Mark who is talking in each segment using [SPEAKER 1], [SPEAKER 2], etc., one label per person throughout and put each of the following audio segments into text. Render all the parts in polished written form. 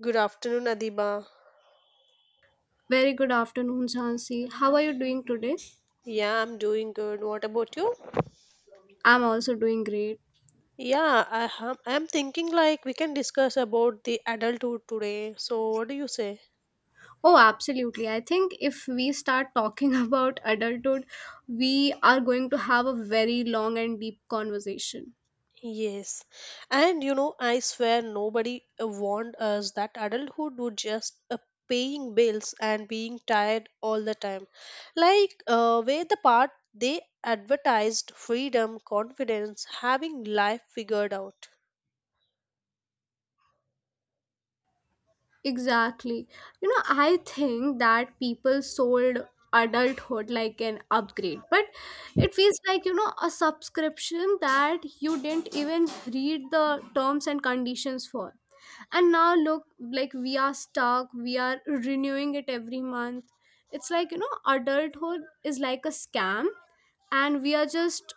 [SPEAKER 1] Good afternoon, Adiba.
[SPEAKER 2] Very good afternoon, Jhansi. How are you doing today?
[SPEAKER 1] Yeah, I'm doing good. What about you?
[SPEAKER 2] I'm also doing great.
[SPEAKER 1] Yeah, I am. I'm thinking like we can discuss about the adulthood today. So, what do you say?
[SPEAKER 2] Oh, absolutely. I think if we start talking about adulthood, we are going to have a very long and deep conversation.
[SPEAKER 1] Yes, and you know, I swear nobody warned us that adulthood would just paying bills and being tired all the time. Like, where the part they advertised freedom, confidence, having life figured out.
[SPEAKER 2] Exactly. I think that people sold adulthood like an upgrade, but it feels like, a subscription that you didn't even read the terms and conditions for. And now look, like we are stuck, we are renewing it every month. It's like, adulthood is like a scam, and we are just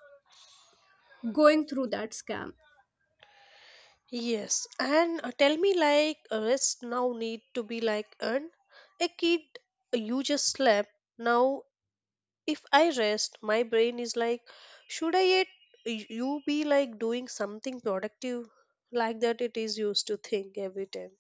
[SPEAKER 2] going through that scam.
[SPEAKER 1] Yes, and tell me like a rest now need to be like an a kid you just slept. Now if I rest, my brain is like, should I yet you be like doing something productive like that it is used to think every time.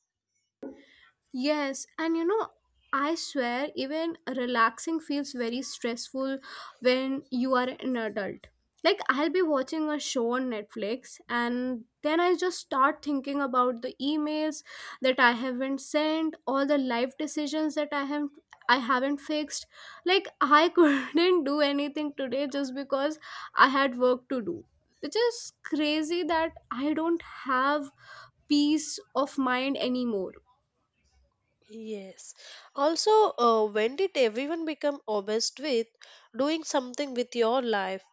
[SPEAKER 2] Yes, and I swear, even relaxing feels very stressful when you are an adult. Like, I'll be watching a show on Netflix, and then I just start thinking about the emails that I haven't sent, all the life decisions that I have. I haven't fixed. Like, I couldn't do anything today just because I had work to do. Which is crazy that I don't have peace of mind anymore.
[SPEAKER 1] Yes. Also, when did everyone become obsessed with doing something with your life?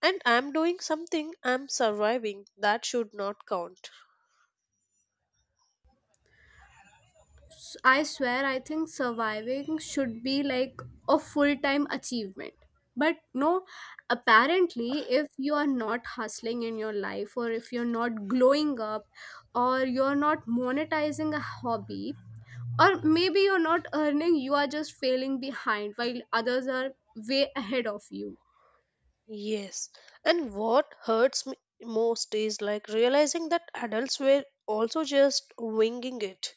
[SPEAKER 1] And I'm doing something, I'm surviving. That should not count.
[SPEAKER 2] I swear, I think surviving should be like a full time achievement. But no, apparently, if you are not hustling in your life, or if you're not glowing up, or you're not monetizing a hobby, or maybe you're not earning, you are just failing behind while others are way ahead of you.
[SPEAKER 1] Yes. And what hurts me most is like realizing that adults were also just winging it.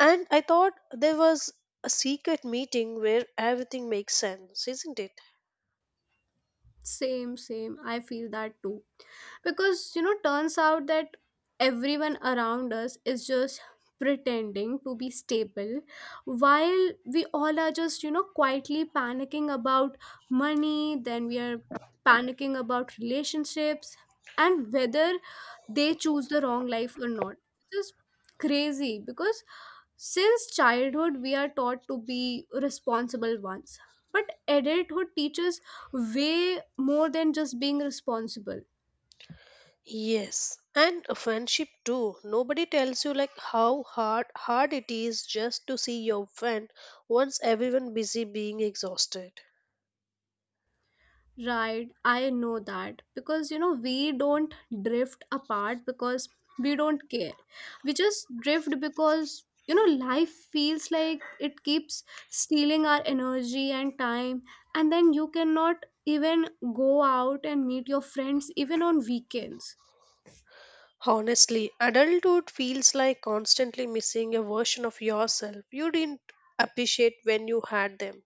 [SPEAKER 1] And I thought there was a secret meeting where everything makes sense, isn't it?
[SPEAKER 2] Same, same. I feel that too. Because, turns out that everyone around us is just pretending to be stable while we all are just, quietly panicking about money, then we are panicking about relationships and whether they choose the wrong life or not. It's just crazy because since childhood we are taught to be responsible ones. But adulthood teaches way more than just being responsible.
[SPEAKER 1] Yes. And a friendship too. Nobody tells you like how hard it is just to see your friend once everyone busy being exhausted.
[SPEAKER 2] Right, I know that because we don't drift apart because we don't care. We just drift because life feels like it keeps stealing our energy and time, and then you cannot even go out and meet your friends even on weekends.
[SPEAKER 1] Honestly, adulthood feels like constantly missing a version of yourself you didn't appreciate when you had them.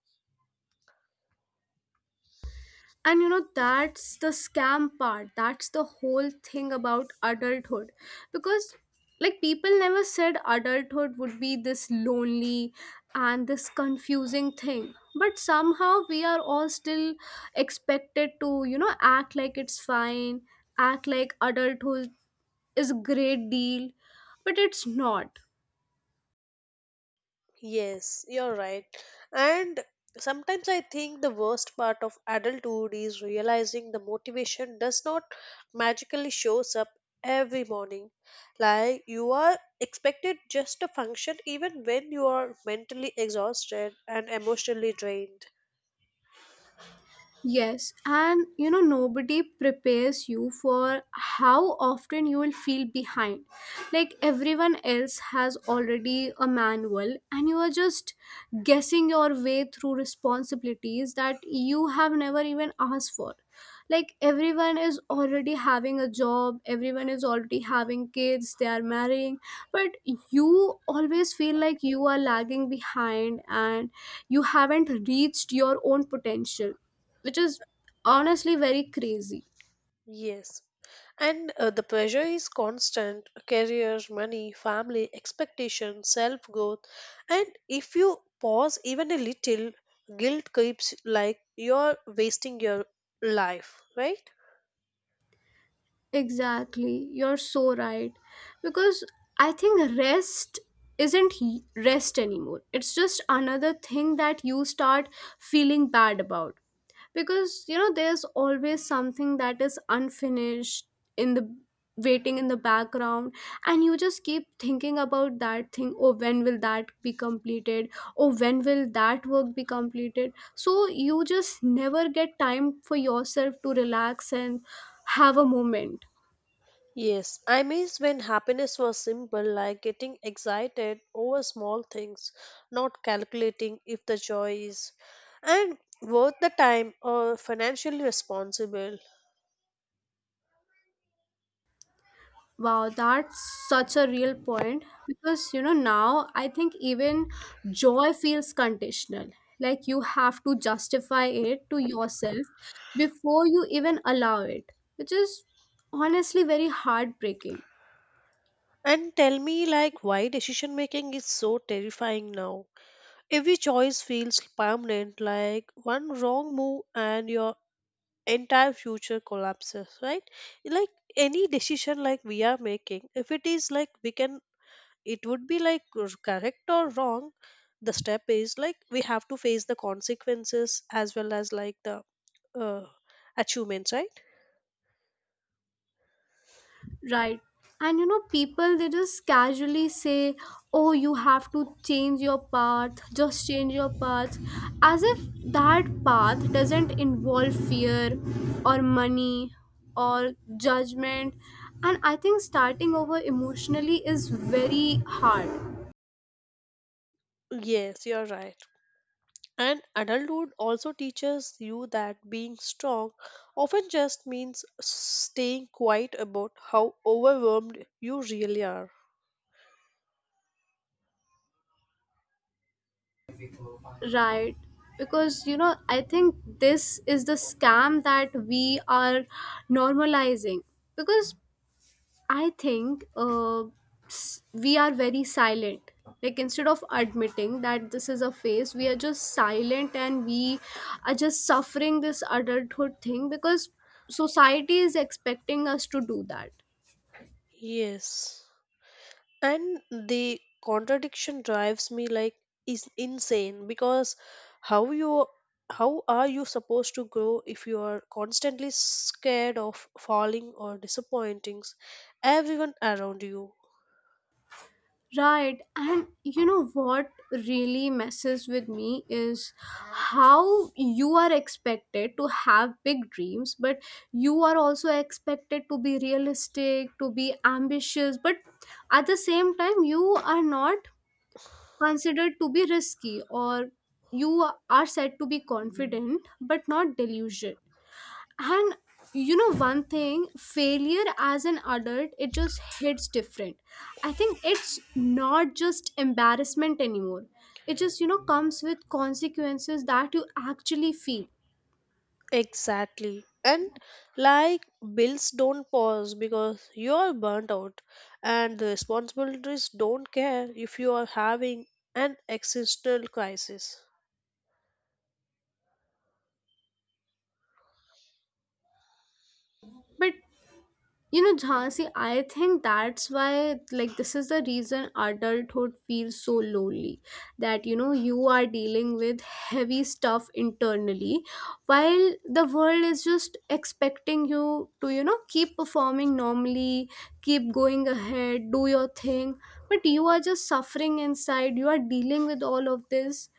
[SPEAKER 2] And that's the scam part. That's the whole thing about adulthood. Because, like, people never said adulthood would be this lonely and this confusing thing. But somehow we are all still expected to, act like it's fine, act like adulthood is a great deal. But it's not.
[SPEAKER 1] Yes, you're right. And sometimes I think the worst part of adulthood is realizing the motivation does not magically shows up every morning. Like you are expected just to function even when you are mentally exhausted and emotionally drained.
[SPEAKER 2] Yes, and nobody prepares you for how often you will feel behind. Like everyone else has already a manual, and you are just guessing your way through responsibilities that you have never even asked for. Like everyone is already having a job, everyone is already having kids, they are marrying, but you always feel like you are lagging behind and you haven't reached your own potential, which is honestly very crazy.
[SPEAKER 1] Yes. And the pressure is constant career, money, family, expectations, self growth. And if you pause even a little, guilt creeps like you're wasting your life, right?
[SPEAKER 2] Exactly. You're so right. Because I think rest isn't he- rest anymore. It's just another thing that you start feeling bad about. Because there's always something that is unfinished in the waiting in the background, and you just keep thinking about that thing. Oh, when will that be completed? Oh, when will that work be completed? So you just never get time for yourself to relax and have a moment.
[SPEAKER 1] Yes, I miss when happiness was simple, like getting excited over small things, not calculating if the joy is and worth the time or financially responsible.
[SPEAKER 2] Wow, that's such a real point because now I think even joy feels conditional. Like you have to justify it to yourself before you even allow it, which is honestly very heartbreaking.
[SPEAKER 1] And tell me, like, why decision making is so terrifying now. Every choice feels permanent, like one wrong move and your entire future collapses, right? Like any decision like we are making, if it is like we can, it would be like correct or wrong. The step is like we have to face the consequences as well as like the uh, achievements, right?
[SPEAKER 2] Right. And people they just casually say, "Oh, you have to change your path, just change your path," as if that path doesn't involve fear or money or judgment. And I think starting over emotionally is very hard,
[SPEAKER 1] Yes, you're right. And adulthood also teaches you that being strong often just means staying quiet about how overwhelmed you really are.
[SPEAKER 2] right? Because I think this is the scam that we are normalizing because I think we are very silent. Like instead of admitting that this is a phase, we are just silent and we are just suffering this adulthood thing because society is expecting us to do that.
[SPEAKER 1] Yes. And the contradiction drives me like is insane because how you how are you supposed to grow if you are constantly scared of falling or disappointing everyone around you?
[SPEAKER 2] Right, and what really messes with me is how you are expected to have big dreams, but you are also expected to be realistic, to be ambitious, but at the same time, you are not considered to be risky or you are said to be confident but not delusional. And one thing, failure as an adult, it just hits different. I think it's not just embarrassment anymore. It just, comes with consequences that you actually feel.
[SPEAKER 1] Exactly. And like bills don't pause because you are burnt out and the responsibilities don't care if you are having an existential crisis.
[SPEAKER 2] But Jhansi, I think that's why, like, this is the reason adulthood feels so lonely. That, you are dealing with heavy stuff internally, while the world is just expecting you to, keep performing normally, keep going ahead, do your thing. But you are just suffering inside, you are dealing with all of this.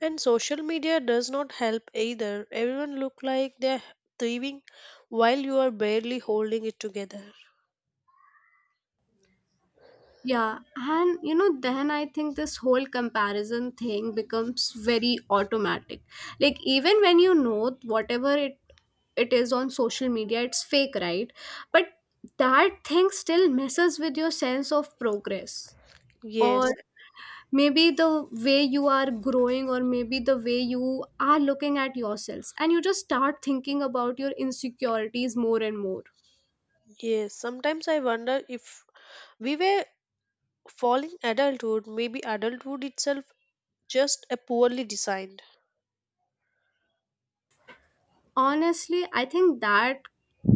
[SPEAKER 1] And social media does not help either. Everyone look like they're thriving while you are barely holding it together.
[SPEAKER 2] Yeah, and then I think this whole comparison thing becomes very automatic. Like even when you know whatever it is on social media, it's fake, right? But that thing still messes with your sense of progress.
[SPEAKER 1] Yes,
[SPEAKER 2] Or maybe the way you are growing, or maybe the way you are looking at yourselves, and you just start thinking about your insecurities more and more.
[SPEAKER 1] yes. Sometimes I wonder if we were falling adulthood, maybe adulthood itself just a poorly designed.
[SPEAKER 2] Honestly, I think that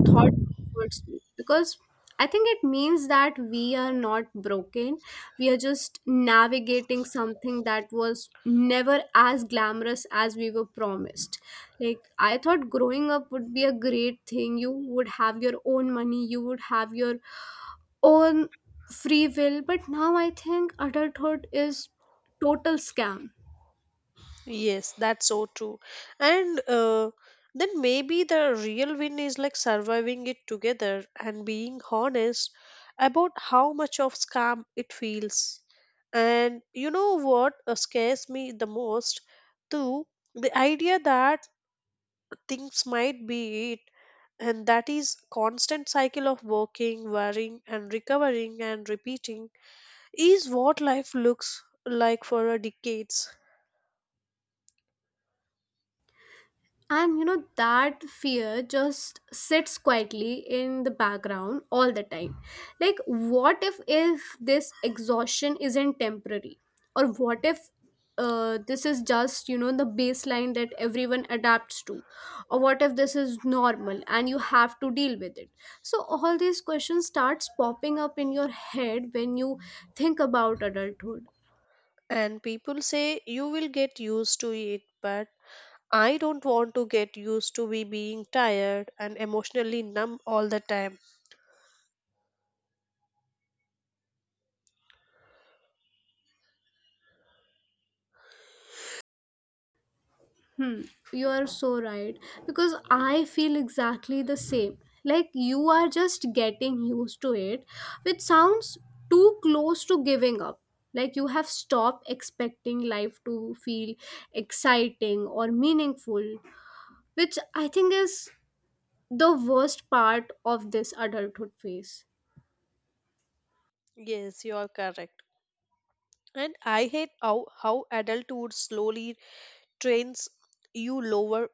[SPEAKER 2] thought comforts me because I think it means that we are not broken. We are just navigating something that was never as glamorous as we were promised. Like, I thought growing up would be a great thing. You would have your own money, you would have your own free will. But now I think adulthood is total scam.
[SPEAKER 1] Yes, that's so true. And then maybe the real win is like surviving it together and being honest about how much of scam it feels. And you know what scares me the most? Too, the idea that things might be it, and that is constant cycle of working, worrying, and recovering and repeating is what life looks like for a decades.
[SPEAKER 2] And that fear just sits quietly in the background all the time. Like, what if this exhaustion isn't temporary? Or what if this is just, the baseline that everyone adapts to? Or what if this is normal and you have to deal with it? So, all these questions starts popping up in your head when you think about adulthood.
[SPEAKER 1] And people say you will get used to it, but I don't want to get used to be being tired and emotionally numb all the time.
[SPEAKER 2] Hmm, you are so right. Because I feel exactly the same. Like you are just getting used to it, which sounds too close to giving up. Like you have stopped expecting life to feel exciting or meaningful, which I think is the worst part of this adulthood phase.
[SPEAKER 1] Yes, you are correct. And I hate how adulthood slowly trains you lower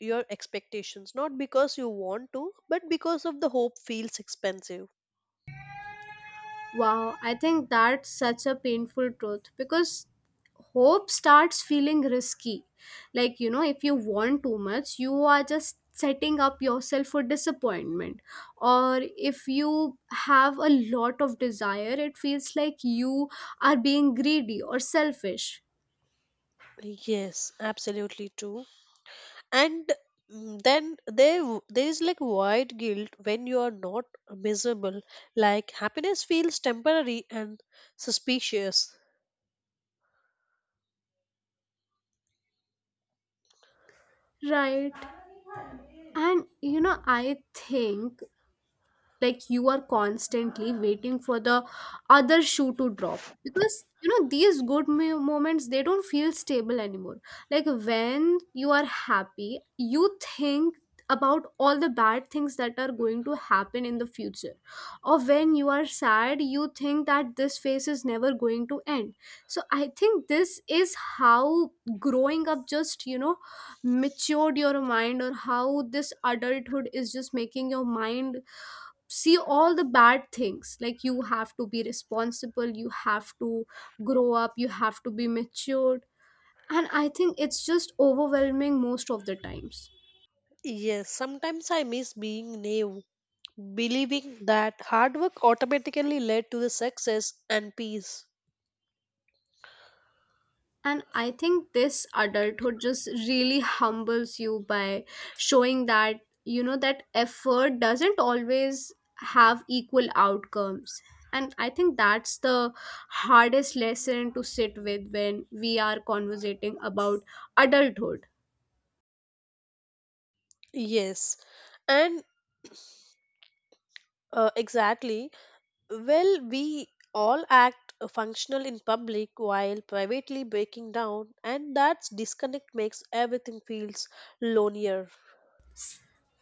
[SPEAKER 1] your expectations not because you want to but because of the hope feels expensive.
[SPEAKER 2] Wow, I think that's such a painful truth because hope starts feeling risky. Like, if you want too much, you are just setting up yourself for disappointment. Or if you have a lot of desire, it feels like you are being greedy or selfish.
[SPEAKER 1] Yes, absolutely true. And then there is like void guilt when you are not miserable, like happiness feels temporary and suspicious.
[SPEAKER 2] Right. And, I think like you are constantly waiting for the other shoe to drop because these good moments they don't feel stable anymore. Like when you are happy you think about all the bad things that are going to happen in the future, or when you are sad you think that this phase is never going to end. So I think this is how growing up just matured your mind, or how this adulthood is just making your mind see all the bad things. Like you have to be responsible, you have to grow up, you have to be matured, and I think it's just overwhelming most of the times.
[SPEAKER 1] Yes, sometimes I miss being naive, believing that hard work automatically led to the success and peace.
[SPEAKER 2] And I think this adulthood just really humbles you by showing that that effort doesn't always have equal outcomes. And I think that's the hardest lesson to sit with when we are conversating about adulthood.
[SPEAKER 1] Yes, and exactly, well we all act functional in public while privately breaking down and that disconnect makes everything feels lonelier.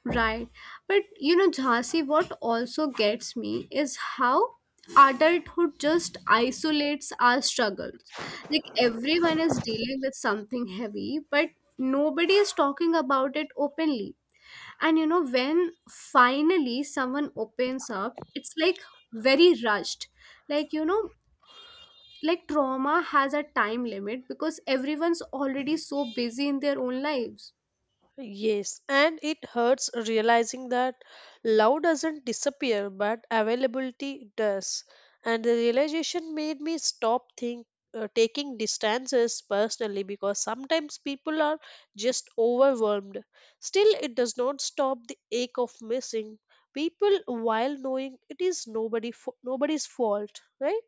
[SPEAKER 2] Right. But Jhansi, what also gets me is how adulthood just isolates our struggles. Like everyone is dealing with something heavy, but nobody is talking about it openly. And when finally someone opens up, it's like very rushed. Like, like trauma has a time limit because everyone's already so busy in their own lives.
[SPEAKER 1] Yes, and it hurts realizing that love doesn't disappear, but availability does. And the realization made me stop think, taking distances personally because sometimes people are just overwhelmed. Still, it does not stop the ache of missing people while knowing it is nobody's fault, right?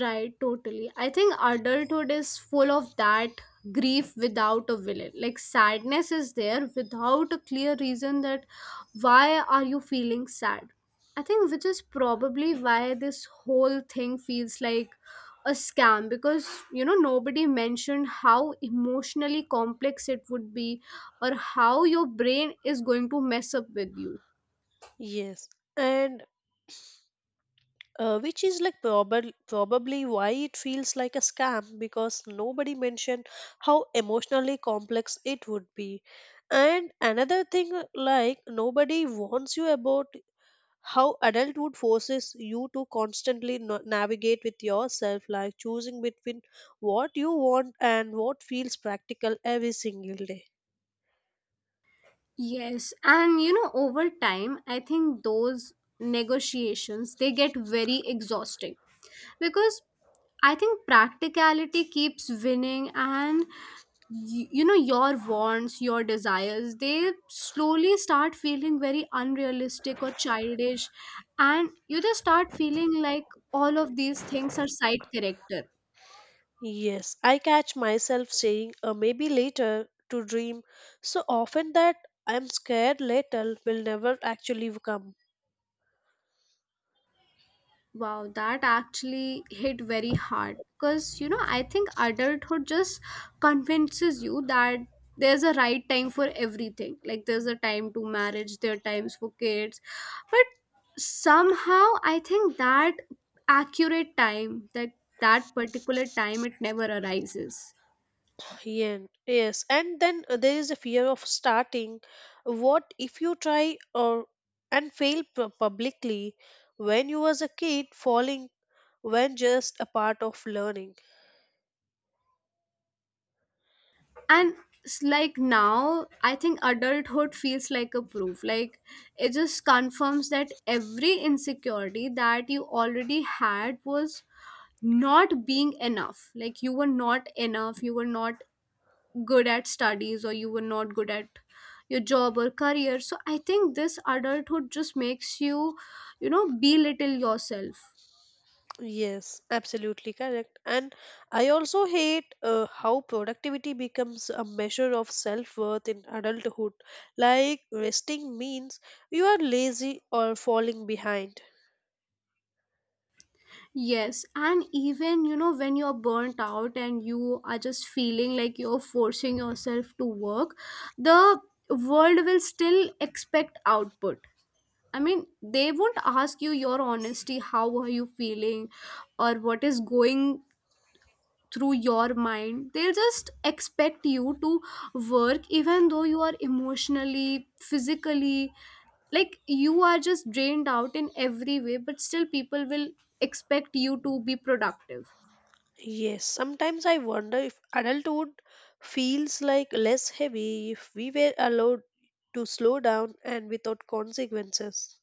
[SPEAKER 2] Right, totally. I think adulthood is full of that grief without a villain. Like sadness is there without a clear reason that why are you feeling sad? I think which is probably why this whole thing feels like a scam because nobody mentioned how emotionally complex it would be or how your brain is going to mess up with you.
[SPEAKER 1] Yes, and which is like probably why it feels like a scam because nobody mentioned how emotionally complex it would be. And another thing, like nobody warns you about how adulthood forces you to constantly navigate with yourself, like choosing between what you want and what feels practical every single day.
[SPEAKER 2] Yes, and over time, I think those negotiations they get very exhausting because I think practicality keeps winning and you know your wants your desires they slowly start feeling very unrealistic or childish, and you just start feeling like all of these things are side character.
[SPEAKER 1] Yes, I catch myself saying maybe later to dream so often that I'm scared later will never actually come.
[SPEAKER 2] Wow, that actually hit very hard because I think adulthood just convinces you that there's a right time for everything. Like, there's a time to marriage, there are times for kids, but somehow I think that accurate time, that particular time, it never arises.
[SPEAKER 1] Yen. Yes, and then there is a fear of starting. What if you try or and fail publicly? When you was a kid, falling when just a part of learning.
[SPEAKER 2] And it's like, now I think adulthood feels like a proof, like it just confirms that every insecurity that you already had was not being enough. Like you were not enough, you were not good at studies, or you were not good at your job or career. So I think this adulthood just makes you, you know, belittle yourself.
[SPEAKER 1] Yes, absolutely correct. And I also hate how productivity becomes a measure of self-worth in adulthood. Like resting means you are lazy or falling behind.
[SPEAKER 2] Yes, and even, you know, when you're burnt out and you are just feeling like you're forcing yourself to work, the world will still expect output. I mean, they won't ask you your honesty, how are you feeling, or what is going through your mind. They'll just expect you to work even though you are emotionally, physically, like you are just drained out in every way, but still people will expect you to be productive.
[SPEAKER 1] Yes, sometimes I wonder if adulthood feels like less heavy if we were allowed to slow down and without consequences.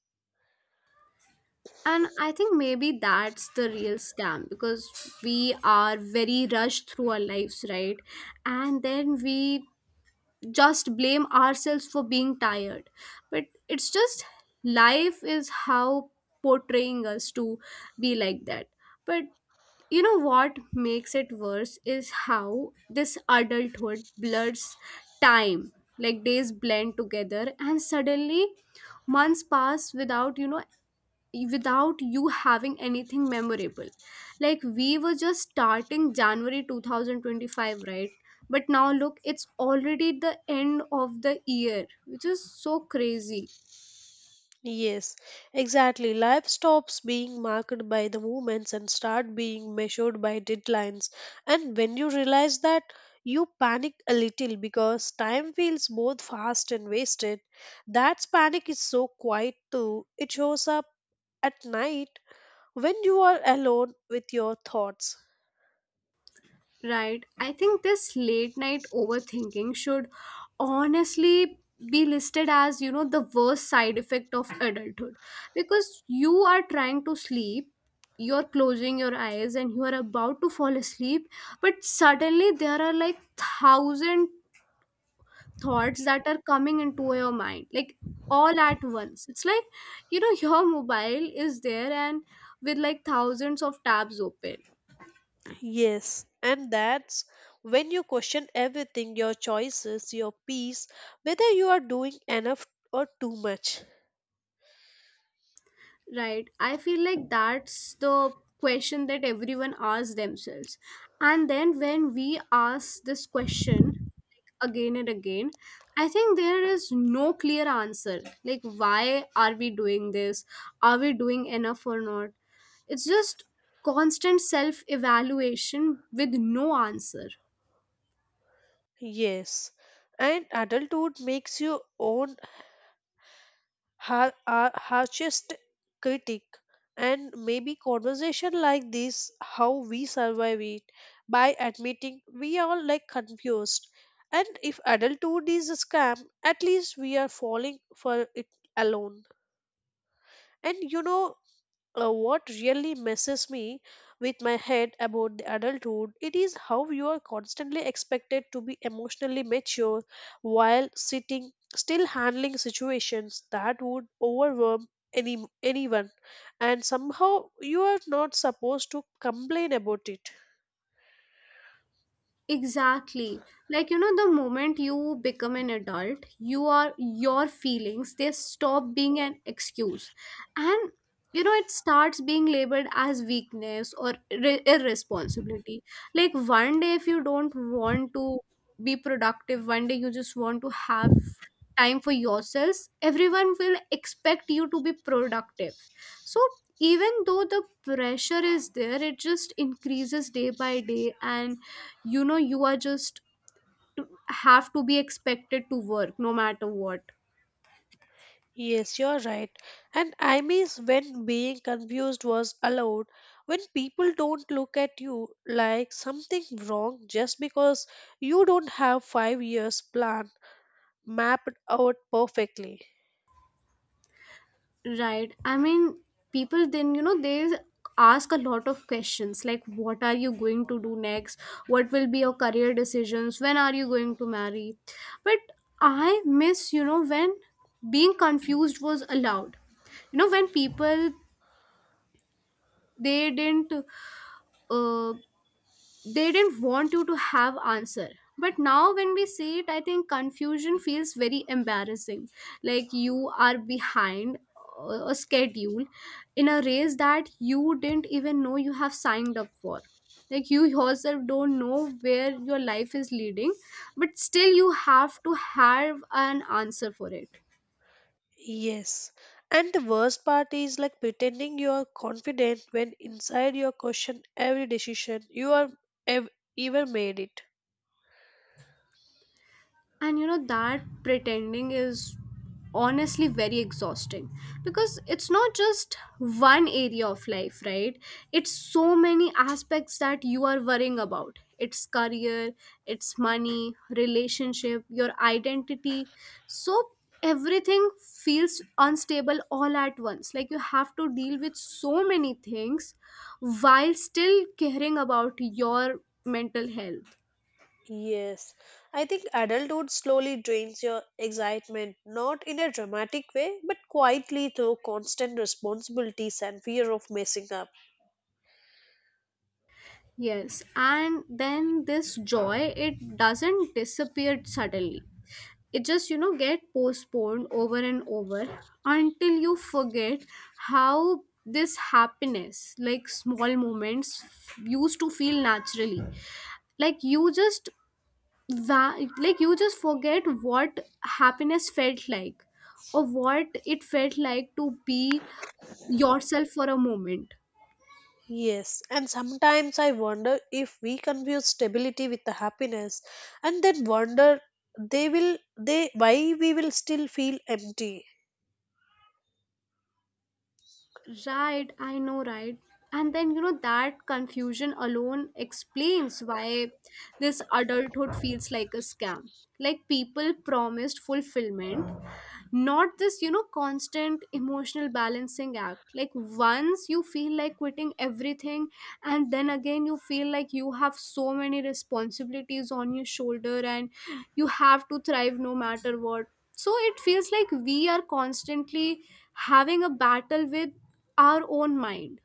[SPEAKER 2] And I think maybe that's the real scam, because we are very rushed through our lives, right? And then we just blame ourselves for being tired, but it's just life is how portraying us to be like that. But you know what makes it worse is how this adulthood blurs time. Like days blend together and suddenly months pass without, without you having anything memorable. Like we were just starting January 2025, right? But now look, it's already the end of the year, which is so crazy.
[SPEAKER 1] Yes, exactly. Life stops being marked by the movements and start being measured by deadlines. And when you realize that, you panic a little because time feels both fast and wasted. That panic is so quiet too. It shows up at night when you are alone with your thoughts.
[SPEAKER 2] Right. I think this late night overthinking should, honestly, be listed as, you know, the worst side effect of adulthood, because you are trying to sleep, you're closing your eyes and you are about to fall asleep, but suddenly there are like thousand thoughts that are coming into your mind, like all at once. It's like, you know, your mobile is there and with like thousands of tabs open.
[SPEAKER 1] Yes, and that's when you question everything, your choices, your peace, whether you are doing enough or too much.
[SPEAKER 2] Right. I feel like that's the question that everyone asks themselves. And then when we ask this question, like, again and again, I think there is no clear answer. Like, why are we doing this? Are we doing enough or not? It's just constant self evaluation with no answer.
[SPEAKER 1] Yes, and adulthood makes you own harshest critic, and maybe conversation like this, how we survive it, by admitting we are like confused. And if adulthood is a scam, at least we are falling for it alone. And you know, what really messes me with my head about the adulthood it is how you are constantly expected to be emotionally mature while sitting still handling situations that would overwhelm anyone, and somehow you are not supposed to complain about it.
[SPEAKER 2] Exactly. Like, you know, the moment you become an adult, you are your feelings, they stop being an excuse. And, you know, it starts being labeled as weakness or irresponsibility. Like, one day, if you don't want to be productive, one day you just want to have time for yourselves, everyone will expect you to be productive. So even though the pressure is there, it just increases day by day, and, you know, you are just have to be expected to work no matter what.
[SPEAKER 1] Yes, you're right. And I miss when being confused was allowed, when people don't look at you like something wrong just because you don't have 5 years plan mapped out perfectly.
[SPEAKER 2] Right. I mean, people then, you know, they ask a lot of questions like, what are you going to do next? What will be your career decisions? When are you going to marry? But I miss, you know, when being confused was allowed. You know, when people, they didn't, uh, they didn't want you to have answer. But now when we see it, I think confusion feels very embarrassing. Like you are behind a schedule in a race that you didn't even know you have signed up for. Like you yourself don't know where your life is leading, but still you have to have an answer for it.
[SPEAKER 1] Yes. And the worst part is like pretending you're confident when inside your question every decision you are ev- even made it.
[SPEAKER 2] And you know, that pretending is honestly very exhausting, because it's not just one area of life, right? It's so many aspects that you are worrying about. It's career, it's money, relationship, your identity. So everything feels unstable all at once. Like you have to deal with so many things while still caring about your mental health.
[SPEAKER 1] Yes, I think adulthood slowly drains your excitement, not in a dramatic way, but quietly through constant responsibilities and fear of messing up.
[SPEAKER 2] Yes, and then this joy, it doesn't disappear suddenly. It just, you know, get postponed over and over until you forget how this happiness, like small moments, used to feel naturally. Like you just like you just forget what happiness felt like, or what it felt like to be yourself for a moment.
[SPEAKER 1] Yes, and sometimes I wonder if we confuse stability with the happiness and then wonder they will they why we will still feel empty.
[SPEAKER 2] Right, I know, right? And then, you know, that confusion alone explains why this adulthood feels like a scam. Like people promised fulfillment, not this, you know, constant emotional balancing act. Like once you feel like quitting everything, and then again you feel like you have so many responsibilities on your shoulder, and you have to thrive no matter what. So it feels like we are constantly having a battle with our own mind.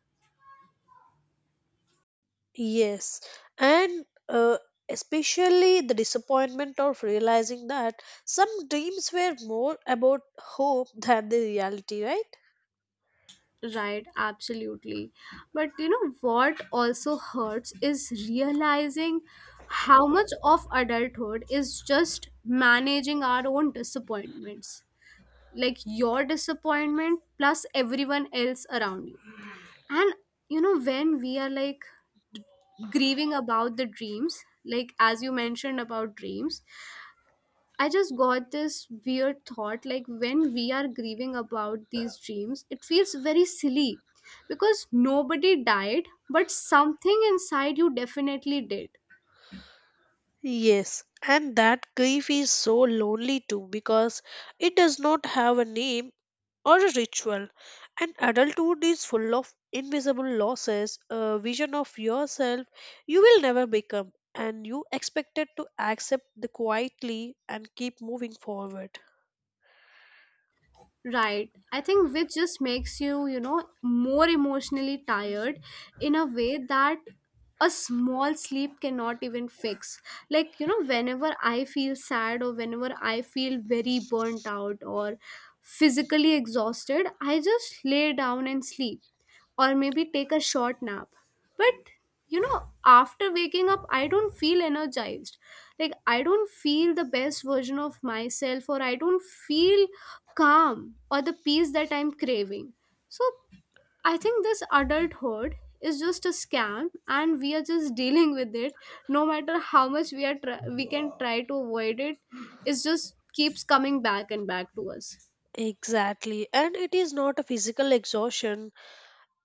[SPEAKER 1] Yes, and especially the disappointment of realizing that some dreams were more about hope than the reality, right?
[SPEAKER 2] Right, absolutely. But you know what also hurts is realizing how much of adulthood is just managing our own disappointments. Like your disappointment plus everyone else around you. And, you know, when we are like grieving about the dreams, like as you mentioned about dreams, I just got this weird thought, like when we are grieving about these dreams, it feels very silly because nobody died, but something inside you definitely did.
[SPEAKER 1] Yes, and that grief is so lonely too because it does not have a name or a ritual. And adulthood is full of invisible losses, a vision of yourself you will never become, and you expected to accept the quietly and keep moving forward.
[SPEAKER 2] Right. I think which just makes you, you know, more emotionally tired in a way that a small sleep cannot even fix. Like, you know, whenever I feel sad or whenever I feel very burnt out or physically exhausted, I just lay down and sleep, or maybe take a short nap. But you know, after waking up, I don't feel energized. Like, I don't feel the best version of myself, or I don't feel calm or the peace that I'm craving. So, I think this adulthood is just a scam, and we are just dealing with it. No matter how much we are, we can try to avoid it. It just keeps coming back and back to us.
[SPEAKER 1] Exactly, and it is not a physical exhaustion,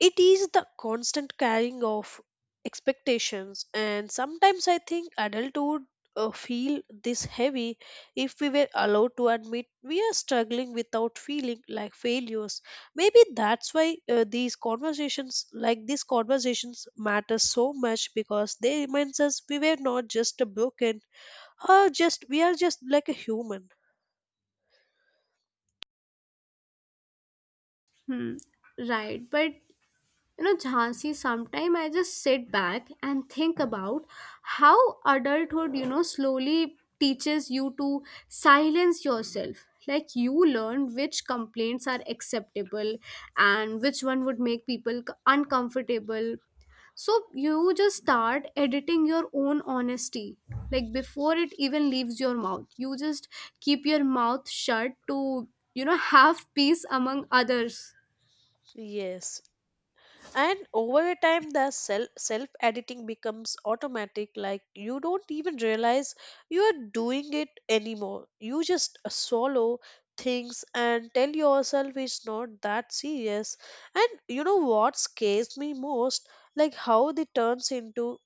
[SPEAKER 1] it is the constant carrying of expectations. And sometimes I think adulthood feel this heavy if we were allowed to admit we are struggling without feeling like failures. Maybe that's why these conversations, like these conversations matter so much because they reminds us we were not just a broken or just we are just like a human.
[SPEAKER 2] Hmm. Right, but you know, Jhansi, sometimes I just sit back and think about how adulthood, you know, slowly teaches you to silence yourself. Like you learn which complaints are acceptable and which one would make people uncomfortable. So you just start editing your own honesty. Like before it even leaves your mouth, you just keep your mouth shut to, you know, have peace among others.
[SPEAKER 1] Yes, and over a time the self editing becomes automatic, like you don't even realize you are doing it anymore. You just swallow things and tell yourself it's not that serious. And you know what scares me most, like how they turns into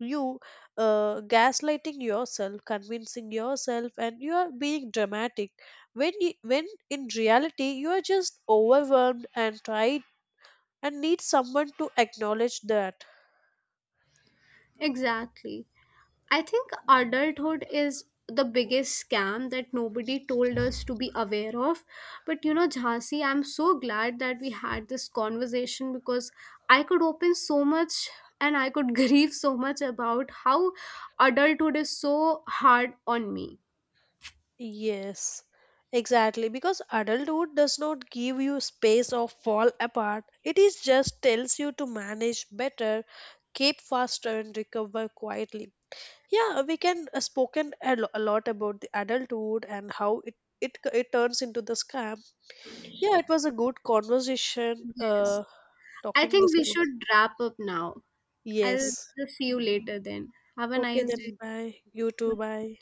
[SPEAKER 1] you gaslighting yourself, convincing yourself and you are being dramatic when when in reality you are just overwhelmed and try and need someone to acknowledge that.
[SPEAKER 2] Exactly. I think adulthood is the biggest scam that nobody told us to be aware of. But you know, Jhansi, I'm so glad that we had this conversation because I could open so much, and I could grieve so much about how adulthood is so hard on me.
[SPEAKER 1] Yes, exactly. Because adulthood does not give you space or fall apart. It is just tells you to manage better, keep faster, and recover quietly. Yeah, we can spoken a, a lot about the adulthood and how it turns into the scam. Yeah, it was a good conversation.
[SPEAKER 2] Yes. I
[SPEAKER 1] Talking
[SPEAKER 2] think
[SPEAKER 1] this.
[SPEAKER 2] we should wrap up now. I'll
[SPEAKER 1] Yes.
[SPEAKER 2] just see you later then. Have a
[SPEAKER 1] Okay,
[SPEAKER 2] nice day.
[SPEAKER 1] then bye. You too. Bye.